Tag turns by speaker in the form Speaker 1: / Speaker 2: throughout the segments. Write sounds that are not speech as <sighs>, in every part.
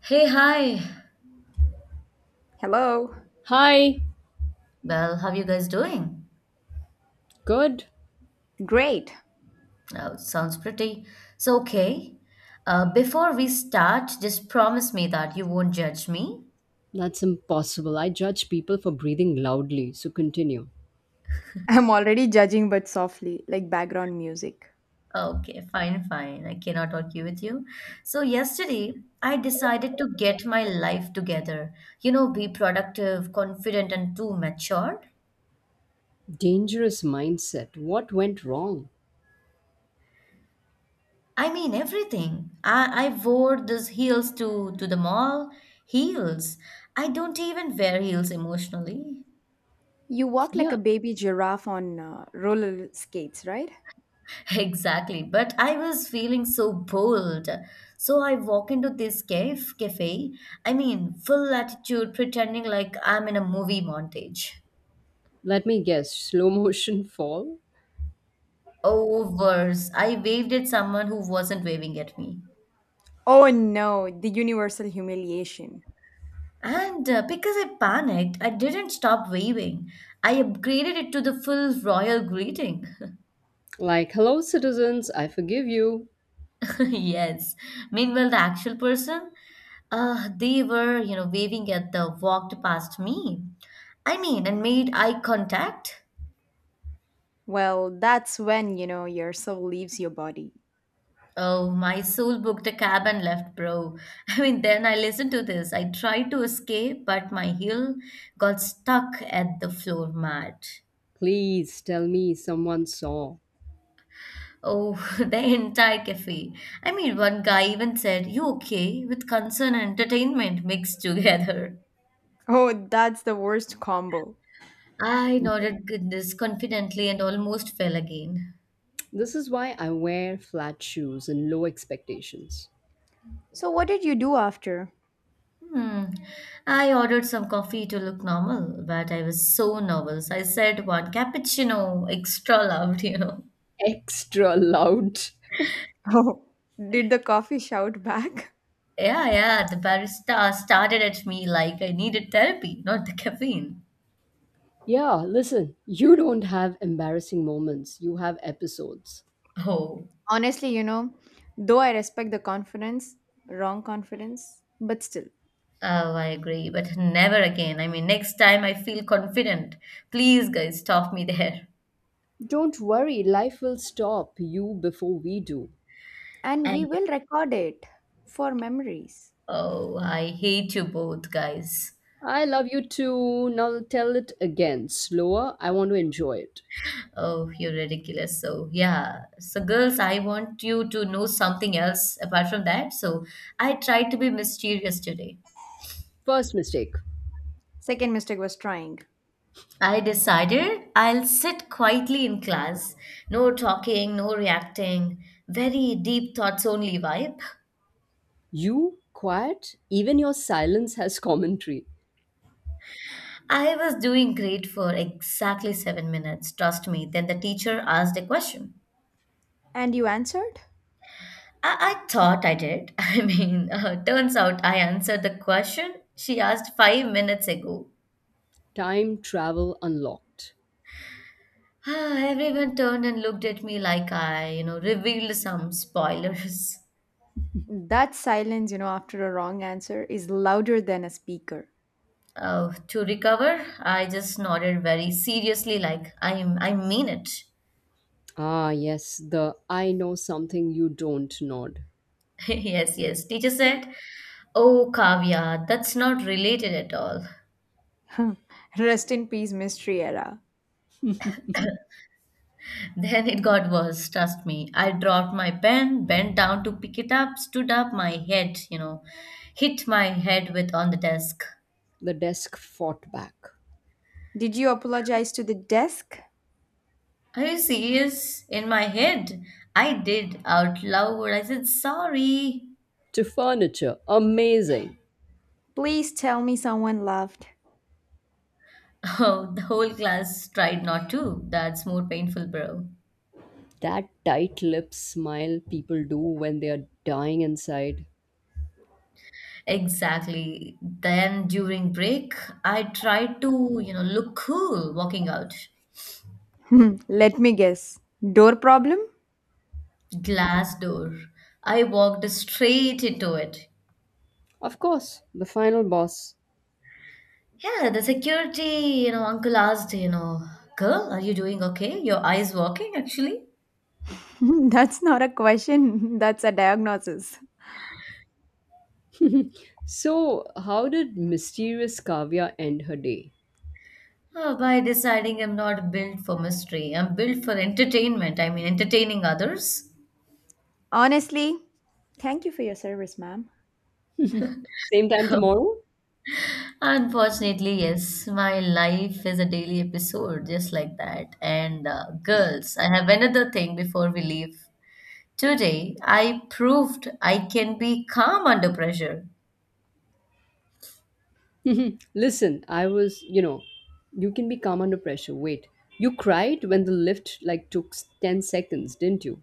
Speaker 1: Hey, hi.
Speaker 2: Hello.
Speaker 3: Hi,
Speaker 1: Well, how you guys doing?
Speaker 3: good.
Speaker 2: Great.
Speaker 1: Oh, sounds pretty. So, okay. Before we start, just promise me that you won't judge me.
Speaker 3: That's impossible. I judge people for breathing loudly, so continue.
Speaker 2: I'm already judging, but softly, like background music.
Speaker 1: Okay, fine. I cannot argue with you. So, yesterday, I decided to get my life together. You know, be productive, confident, and too matured.
Speaker 3: Dangerous mindset. What went wrong?
Speaker 1: I mean, everything. I wore these heels to the mall. Heels. I don't even wear heels emotionally.
Speaker 2: You walk like
Speaker 3: Yeah,
Speaker 2: a baby giraffe on roller skates, right?
Speaker 1: Exactly, but I was feeling so bold. So I walk into this cafe, I mean, full attitude, pretending like I'm in a movie montage.
Speaker 3: let me guess. Slow motion <laughs> fall?
Speaker 1: Oh, worse, I waved at someone who wasn't waving at me.
Speaker 2: Oh no, the universal humiliation.
Speaker 1: And because I panicked, I didn't stop waving. I upgraded it to the full royal greeting. <laughs>
Speaker 3: Like, hello, citizens, I forgive you.
Speaker 1: Yes. Meanwhile, the actual person, they were, waving at the walked past me. I mean, and made eye contact.
Speaker 2: Well, that's when, you know, your soul leaves your body.
Speaker 1: Oh, my soul booked a cab and left, bro. <laughs> I mean, then I listened to this. I tried to escape, but my heel got stuck at the floor mat.
Speaker 3: Please tell me someone saw.
Speaker 1: Oh, <laughs> the entire cafe. I mean, one guy even said, "You okay?" with concern and entertainment mixed <laughs> together.
Speaker 2: Oh, that's the worst combo.
Speaker 1: I nodded goodness confidently and almost fell again.
Speaker 3: This is why I wear flat shoes and low expectations.
Speaker 2: So, what did you do after? <laughs>
Speaker 1: Hmm. I ordered some coffee to look normal, but I was so nervous. I said one cappuccino, <laughs> extra loud.
Speaker 3: Extra loud.
Speaker 2: Oh, did the coffee shout back?
Speaker 1: Yeah, yeah, the barista started at me like I needed therapy, not the caffeine.
Speaker 3: Yeah, listen, you don't have embarrassing moments, you have episodes.
Speaker 1: Oh,
Speaker 2: Honestly, you know, though I respect the confidence, wrong confidence, but still.
Speaker 1: oh, I agree, but never again. I mean, next time I feel confident. Please, guys, stop me there.
Speaker 3: Don't worry, life will stop you before we do.
Speaker 2: And we
Speaker 1: And
Speaker 2: will record it for memories.
Speaker 1: oh, I hate you both, guys.
Speaker 3: I love you too. Now tell it again, slower. I want to enjoy it.
Speaker 1: Oh, you're ridiculous. So, yeah. So, girls, I want you to know something else apart from that. So, I tried to be mysterious today.
Speaker 3: First mistake
Speaker 2: Second mistake was trying.
Speaker 1: I decided I'll sit quietly in class. No talking, no reacting. Very deep thoughts only vibe.
Speaker 3: you, quiet, even your silence has commentary.
Speaker 1: I was doing great for exactly 7 minutes, trust me. Then the teacher asked a question.
Speaker 2: And you answered?
Speaker 1: I thought I did. <laughs> Turns out I answered the question she asked 5 minutes ago.
Speaker 3: Time travel unlocked.
Speaker 1: <sighs> Everyone turned and looked at me like I, you know, revealed some spoilers. <laughs>
Speaker 2: That silence, you know, after a wrong answer is louder than a speaker.
Speaker 1: Oh, to recover, I just nodded very seriously, like I mean it.
Speaker 3: Ah, yes, the I know something you don't nod.
Speaker 1: <laughs> Yes, yes. Teacher said, "Oh, Kavya, that's not related at all."
Speaker 2: <laughs> Rest in peace, mystery era.
Speaker 1: <laughs> Then it got worse. Trust me. I dropped my pen, bent down to pick it up, stood up, my head, you know, hit my head with on the desk.
Speaker 3: The desk fought back.
Speaker 2: Did you apologize to the desk?
Speaker 1: Are you serious? In my head, I did out loud. I said, "Sorry." <laughs>
Speaker 3: To furniture, amazing.
Speaker 2: Please tell me someone laughed. <laughs>
Speaker 1: Oh, the whole class tried not to. That's more painful, bro.
Speaker 3: That tight lip smile people do when they are dying inside.
Speaker 1: Exactly. Then during break, I tried to, you know, look cool walking out.
Speaker 2: Hmm, let me guess. Door problem?
Speaker 1: Glass door. I walked straight into it.
Speaker 3: Of course, the final boss.
Speaker 1: Yeah, the security, you know, uncle asked, you know, girl, are you doing okay? Your eyes working actually?
Speaker 2: <laughs> That's not a question, <laughs> that's a diagnosis.
Speaker 3: <laughs> So, how did mysterious Kavya end her day?
Speaker 1: Oh, by deciding I'm not built for mystery, I'm built for entertainment. I mean, entertaining others.
Speaker 2: Honestly, thank you for your service, ma'am.
Speaker 3: Same time tomorrow? <laughs>
Speaker 1: Unfortunately, yes, my life is a daily episode just like that. And girls, I have another thing before we leave. Today, I proved I can be calm under pressure.
Speaker 3: Mhm. Listen, I was, you know, You can be calm under pressure. Wait. You cried when the lift took 10 seconds, didn't you?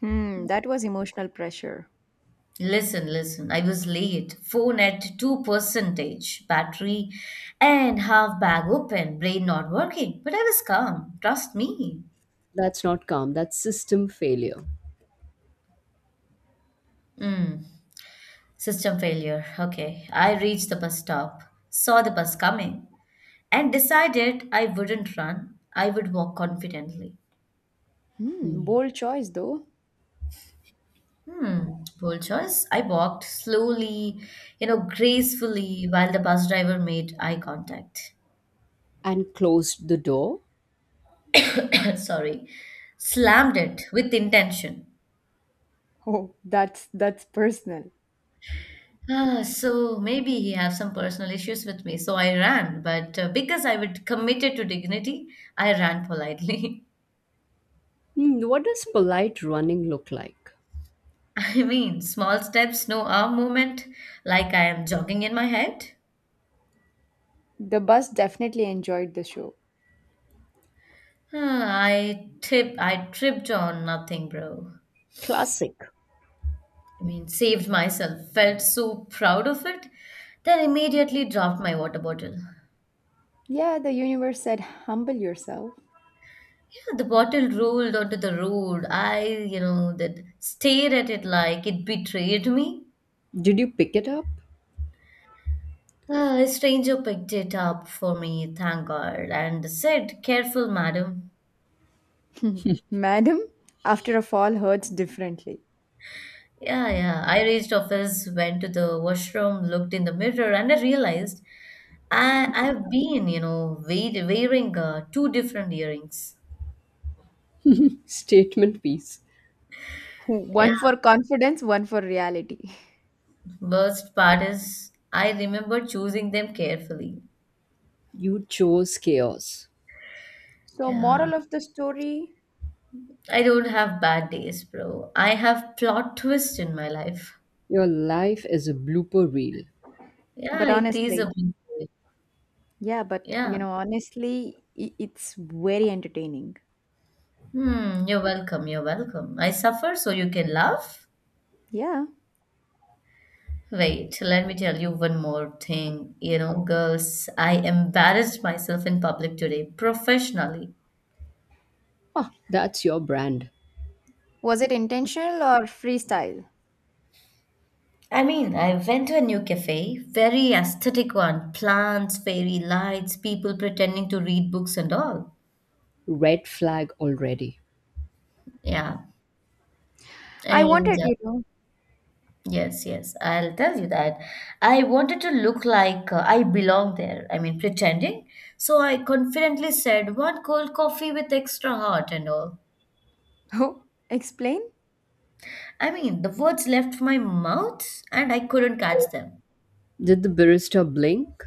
Speaker 2: Hmm, that was emotional pressure.
Speaker 1: Listen, I was late, phone at 2 percentage, battery and half bag open, brain not working, but I was calm, trust me.
Speaker 3: That's not calm. That's system failure.
Speaker 1: Mm. System failure. Okay. I reached the bus stop, saw the bus coming, and decided I wouldn't run. I would walk confidently.
Speaker 2: Hmm,
Speaker 3: Hmm.
Speaker 2: bold choice though.
Speaker 1: Hmm, bold choice. I walked slowly, you know, gracefully while the bus driver made eye contact.
Speaker 3: And closed the door?
Speaker 1: <coughs> Sorry, slammed it with intention.
Speaker 2: Oh, that's personal.
Speaker 1: Ah, so maybe he have some personal issues with me. So I ran, but because I would committed to dignity, I ran politely.
Speaker 3: Hmm, what does polite running look like?
Speaker 1: <laughs> I mean, small steps, no arm movement, like I am jogging in my head.
Speaker 2: The bus definitely enjoyed the show.
Speaker 1: Huh, I tripped on nothing, bro.
Speaker 3: Classic.
Speaker 1: I mean, saved myself. Felt so proud of it. Then immediately dropped my water bottle.
Speaker 2: Yeah, the universe said, humble yourself.
Speaker 1: Yeah, the bottle rolled onto the road. I, you know, that stared at it like it betrayed me.
Speaker 3: Did you pick it up?
Speaker 1: A stranger picked it up for me, thank God, and said, "Careful, madam."
Speaker 2: Madam, after a fall hurts differently.
Speaker 1: Yeah, yeah. I reached office, went to the washroom, looked in the mirror, and I realized I've been, you know, wait, wearing two different earrings.
Speaker 3: <laughs> Statement piece.
Speaker 2: <laughs> One
Speaker 1: Yeah.
Speaker 2: for confidence, one for reality. <laughs>
Speaker 1: Worst part is I remember choosing them carefully.
Speaker 3: You chose chaos.
Speaker 2: So,
Speaker 1: Yeah.
Speaker 2: moral of the story.
Speaker 1: I don't have bad days, bro. I have plot twist in my life.
Speaker 3: Your life is a blooper reel.
Speaker 1: Yeah,
Speaker 2: But
Speaker 1: it is a
Speaker 2: honestly,
Speaker 1: big deal.
Speaker 2: yeah, but
Speaker 1: Yeah.
Speaker 2: you know, honestly, it's very entertaining.
Speaker 1: Hmm, you're welcome. You're welcome. I suffer so you can laugh.
Speaker 2: Yeah.
Speaker 1: Wait, let me tell you one more thing. You know, girls, I embarrassed myself in public today, professionally.
Speaker 3: Ah, that's your brand.
Speaker 2: Was it intentional or freestyle?
Speaker 1: I mean, I went to a new cafe, very aesthetic one, plants, fairy lights, people pretending to read books and all.
Speaker 3: Red flag already.
Speaker 1: Yeah.
Speaker 2: I
Speaker 1: And
Speaker 2: wanted you to.
Speaker 1: yes, yes, I'll tell you that. I wanted to look like I belong there. I mean, pretending. So I confidently said, one cold coffee with extra hot and all.
Speaker 2: <laughs> Oh, explain?
Speaker 1: I mean, the words left my mouth and I couldn't catch them.
Speaker 3: Did the barista blink?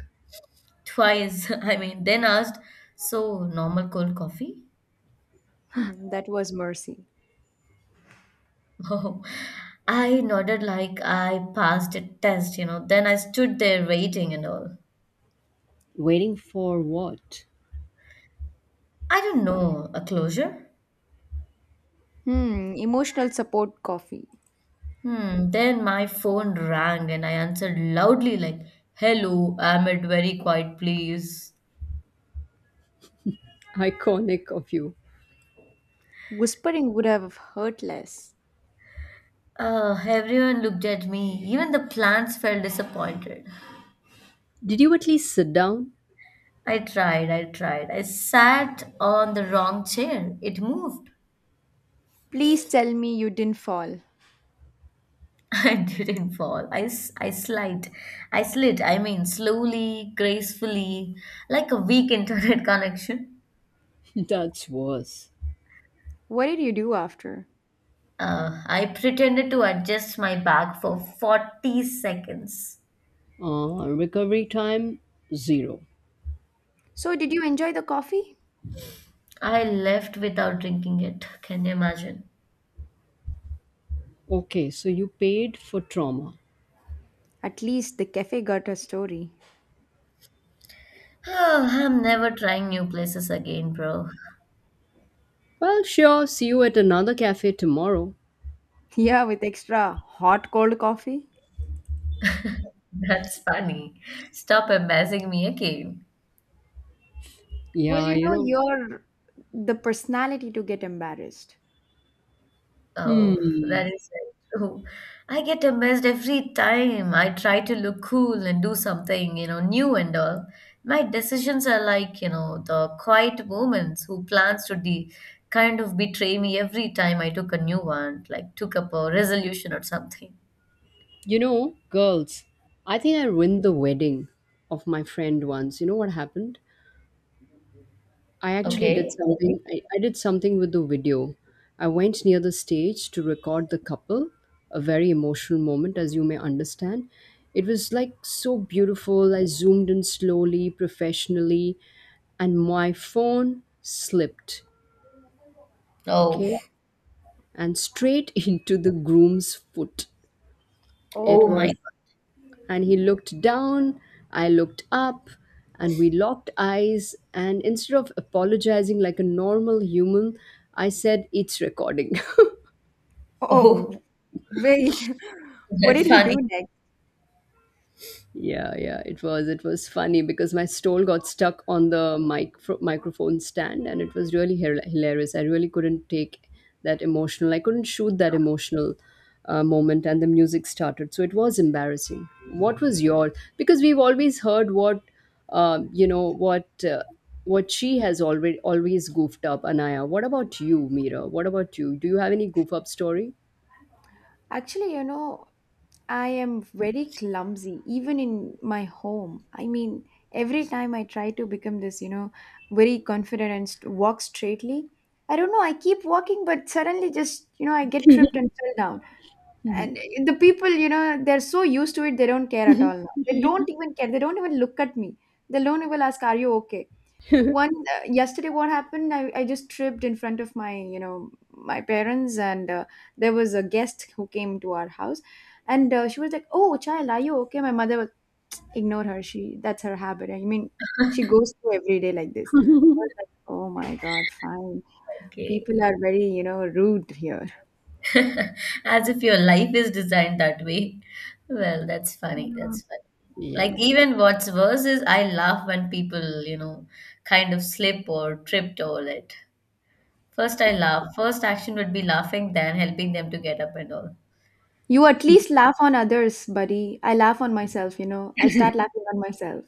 Speaker 1: Twice. <laughs> I mean, then asked, so normal cold coffee?
Speaker 2: <laughs> That was mercy.
Speaker 1: <laughs> Oh, I nodded like I passed a test, you know. Then I stood there waiting and all.
Speaker 3: Waiting for what?
Speaker 1: I don't know, a closure?
Speaker 2: Hmm, emotional support coffee.
Speaker 1: Hmm. Then my phone rang and I answered loudly, like, "Hello, I'm at very quiet, please."
Speaker 3: Iconic of you.
Speaker 2: Whispering would have hurt less.
Speaker 1: Everyone looked at me. Even the plants felt disappointed.
Speaker 3: Did you at least sit down?
Speaker 1: I tried. I sat on the wrong chair. It moved.
Speaker 2: Please tell me you didn't fall.
Speaker 1: <laughs> I didn't fall. I slid. I slid. I mean, slowly, gracefully, like a weak internet <laughs> connection.
Speaker 3: <laughs> That's worse.
Speaker 2: What did you do after?
Speaker 1: I pretended to adjust my bag for 40 seconds.
Speaker 3: Recovery time, zero.
Speaker 2: So, did you enjoy the coffee?
Speaker 1: I left without drinking it. Can you imagine?
Speaker 3: Okay, so you paid for trauma.
Speaker 2: At least the cafe got a story. <laughs>
Speaker 1: Oh, I'm never trying new places again, bro.
Speaker 3: Well, sure, see you at another cafe tomorrow.
Speaker 2: Yeah, with extra hot cold coffee.
Speaker 1: <laughs> That's funny. Stop embarrassing me, okay?
Speaker 2: Well,
Speaker 3: Yeah,
Speaker 2: you
Speaker 3: you
Speaker 2: know,
Speaker 3: know.
Speaker 2: you're the personality to get embarrassed.
Speaker 1: Oh, that
Speaker 3: Hmm.
Speaker 1: is very true. I get amazed every time I try to look cool and do something, you know, new and all. My decisions are like, you know, the quiet moments who plans to de kind of betray me every time I took a new one, like took up a resolution or something.
Speaker 3: You know, girls, I think I ruined the wedding of my friend once. You know what happened? I actually
Speaker 2: Mm-hmm.
Speaker 3: did
Speaker 1: Okay, tell me.
Speaker 3: something. I did something with the video. I went near the stage to record the couple, a very emotional moment, as you may understand. It was like so beautiful. I zoomed in slowly, professionally, and my phone slipped,
Speaker 1: Oh,
Speaker 3: okay, and straight <laughs> into the groom's foot.
Speaker 1: oh
Speaker 3: It
Speaker 1: my
Speaker 3: was
Speaker 2: Oh,
Speaker 1: God.
Speaker 3: And he looked down, I looked up, and we locked eyes. And instead of apologizing like a normal human, I said, "It's recording." <laughs>
Speaker 2: oh,
Speaker 1: Oh,
Speaker 2: wait.
Speaker 1: <laughs>
Speaker 2: <laughs> What
Speaker 1: that's
Speaker 2: did he
Speaker 1: funny.
Speaker 2: do next?
Speaker 3: It was funny because my stole got stuck on the microphone stand, and it was really hilarious. I really couldn't take that emotional. I couldn't shoot that emotional moment, and the music started, so it was embarrassing. What was your? Because we've always heard what, you know, what she has already always goofed up, Anaya. What about you, Mira? What about you? Do you have any goof up story? <laughs>
Speaker 2: Actually, you know, I am very clumsy, even in my home. I mean, every time I try to become this, you know, very confident and walk straightly, I don't know, I keep walking, but suddenly just, you know, I get tripped and fell down. And the people, you know, they're so used to it, they don't care at
Speaker 3: Mhm.
Speaker 2: all now. They don't even care. They don't even look at me. They don't even ask, are you okay? One
Speaker 3: <laughs>
Speaker 2: yesterday what happened, I just tripped in front of my, you know, my parents, and there was a guest who came to our house, and she was like, oh child, are you okay? My mother was, ignore her, she, that's her habit, I mean, she goes through every day like this. I was like, oh my god, fine.
Speaker 1: Okay.
Speaker 2: People are very, you know, rude here.
Speaker 1: <laughs> As if your life is designed that way. Well, that's funny.
Speaker 2: Mm.
Speaker 1: That's funny. Like,
Speaker 3: Yeah.
Speaker 1: even what's worse is I laugh when people, you know, kind of slip or tripped all it. First, I laugh. First action would be laughing, then helping them to get up and all.
Speaker 2: You at least laugh on others, buddy, I laugh on myself, you know, I start
Speaker 3: <laughs>
Speaker 2: laughing on myself.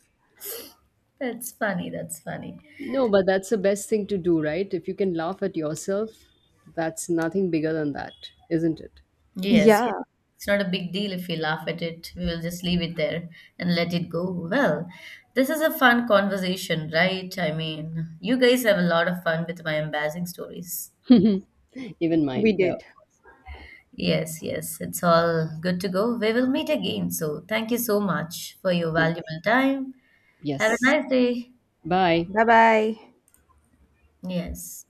Speaker 1: That's funny. That's funny.
Speaker 3: No, but that's the best thing to do, right? If you can laugh at yourself, that's nothing bigger than that, isn't
Speaker 1: Yes,
Speaker 2: Yeah,
Speaker 1: yes. It's not a big deal if we laugh at it. We will just leave it there and let it go. Well, this is a fun conversation, right? I mean, you guys have a lot of fun with my embarrassing stories.
Speaker 3: it? <laughs> Even
Speaker 2: we
Speaker 3: mine. Yeah.
Speaker 2: did.
Speaker 1: Yes, yes, it's all good to go. We will meet again. So, thank you so much for your
Speaker 3: Yes.
Speaker 1: valuable time. Have a
Speaker 3: Yes.
Speaker 1: nice day.
Speaker 3: Bye.
Speaker 2: Bye bye.
Speaker 1: Yes.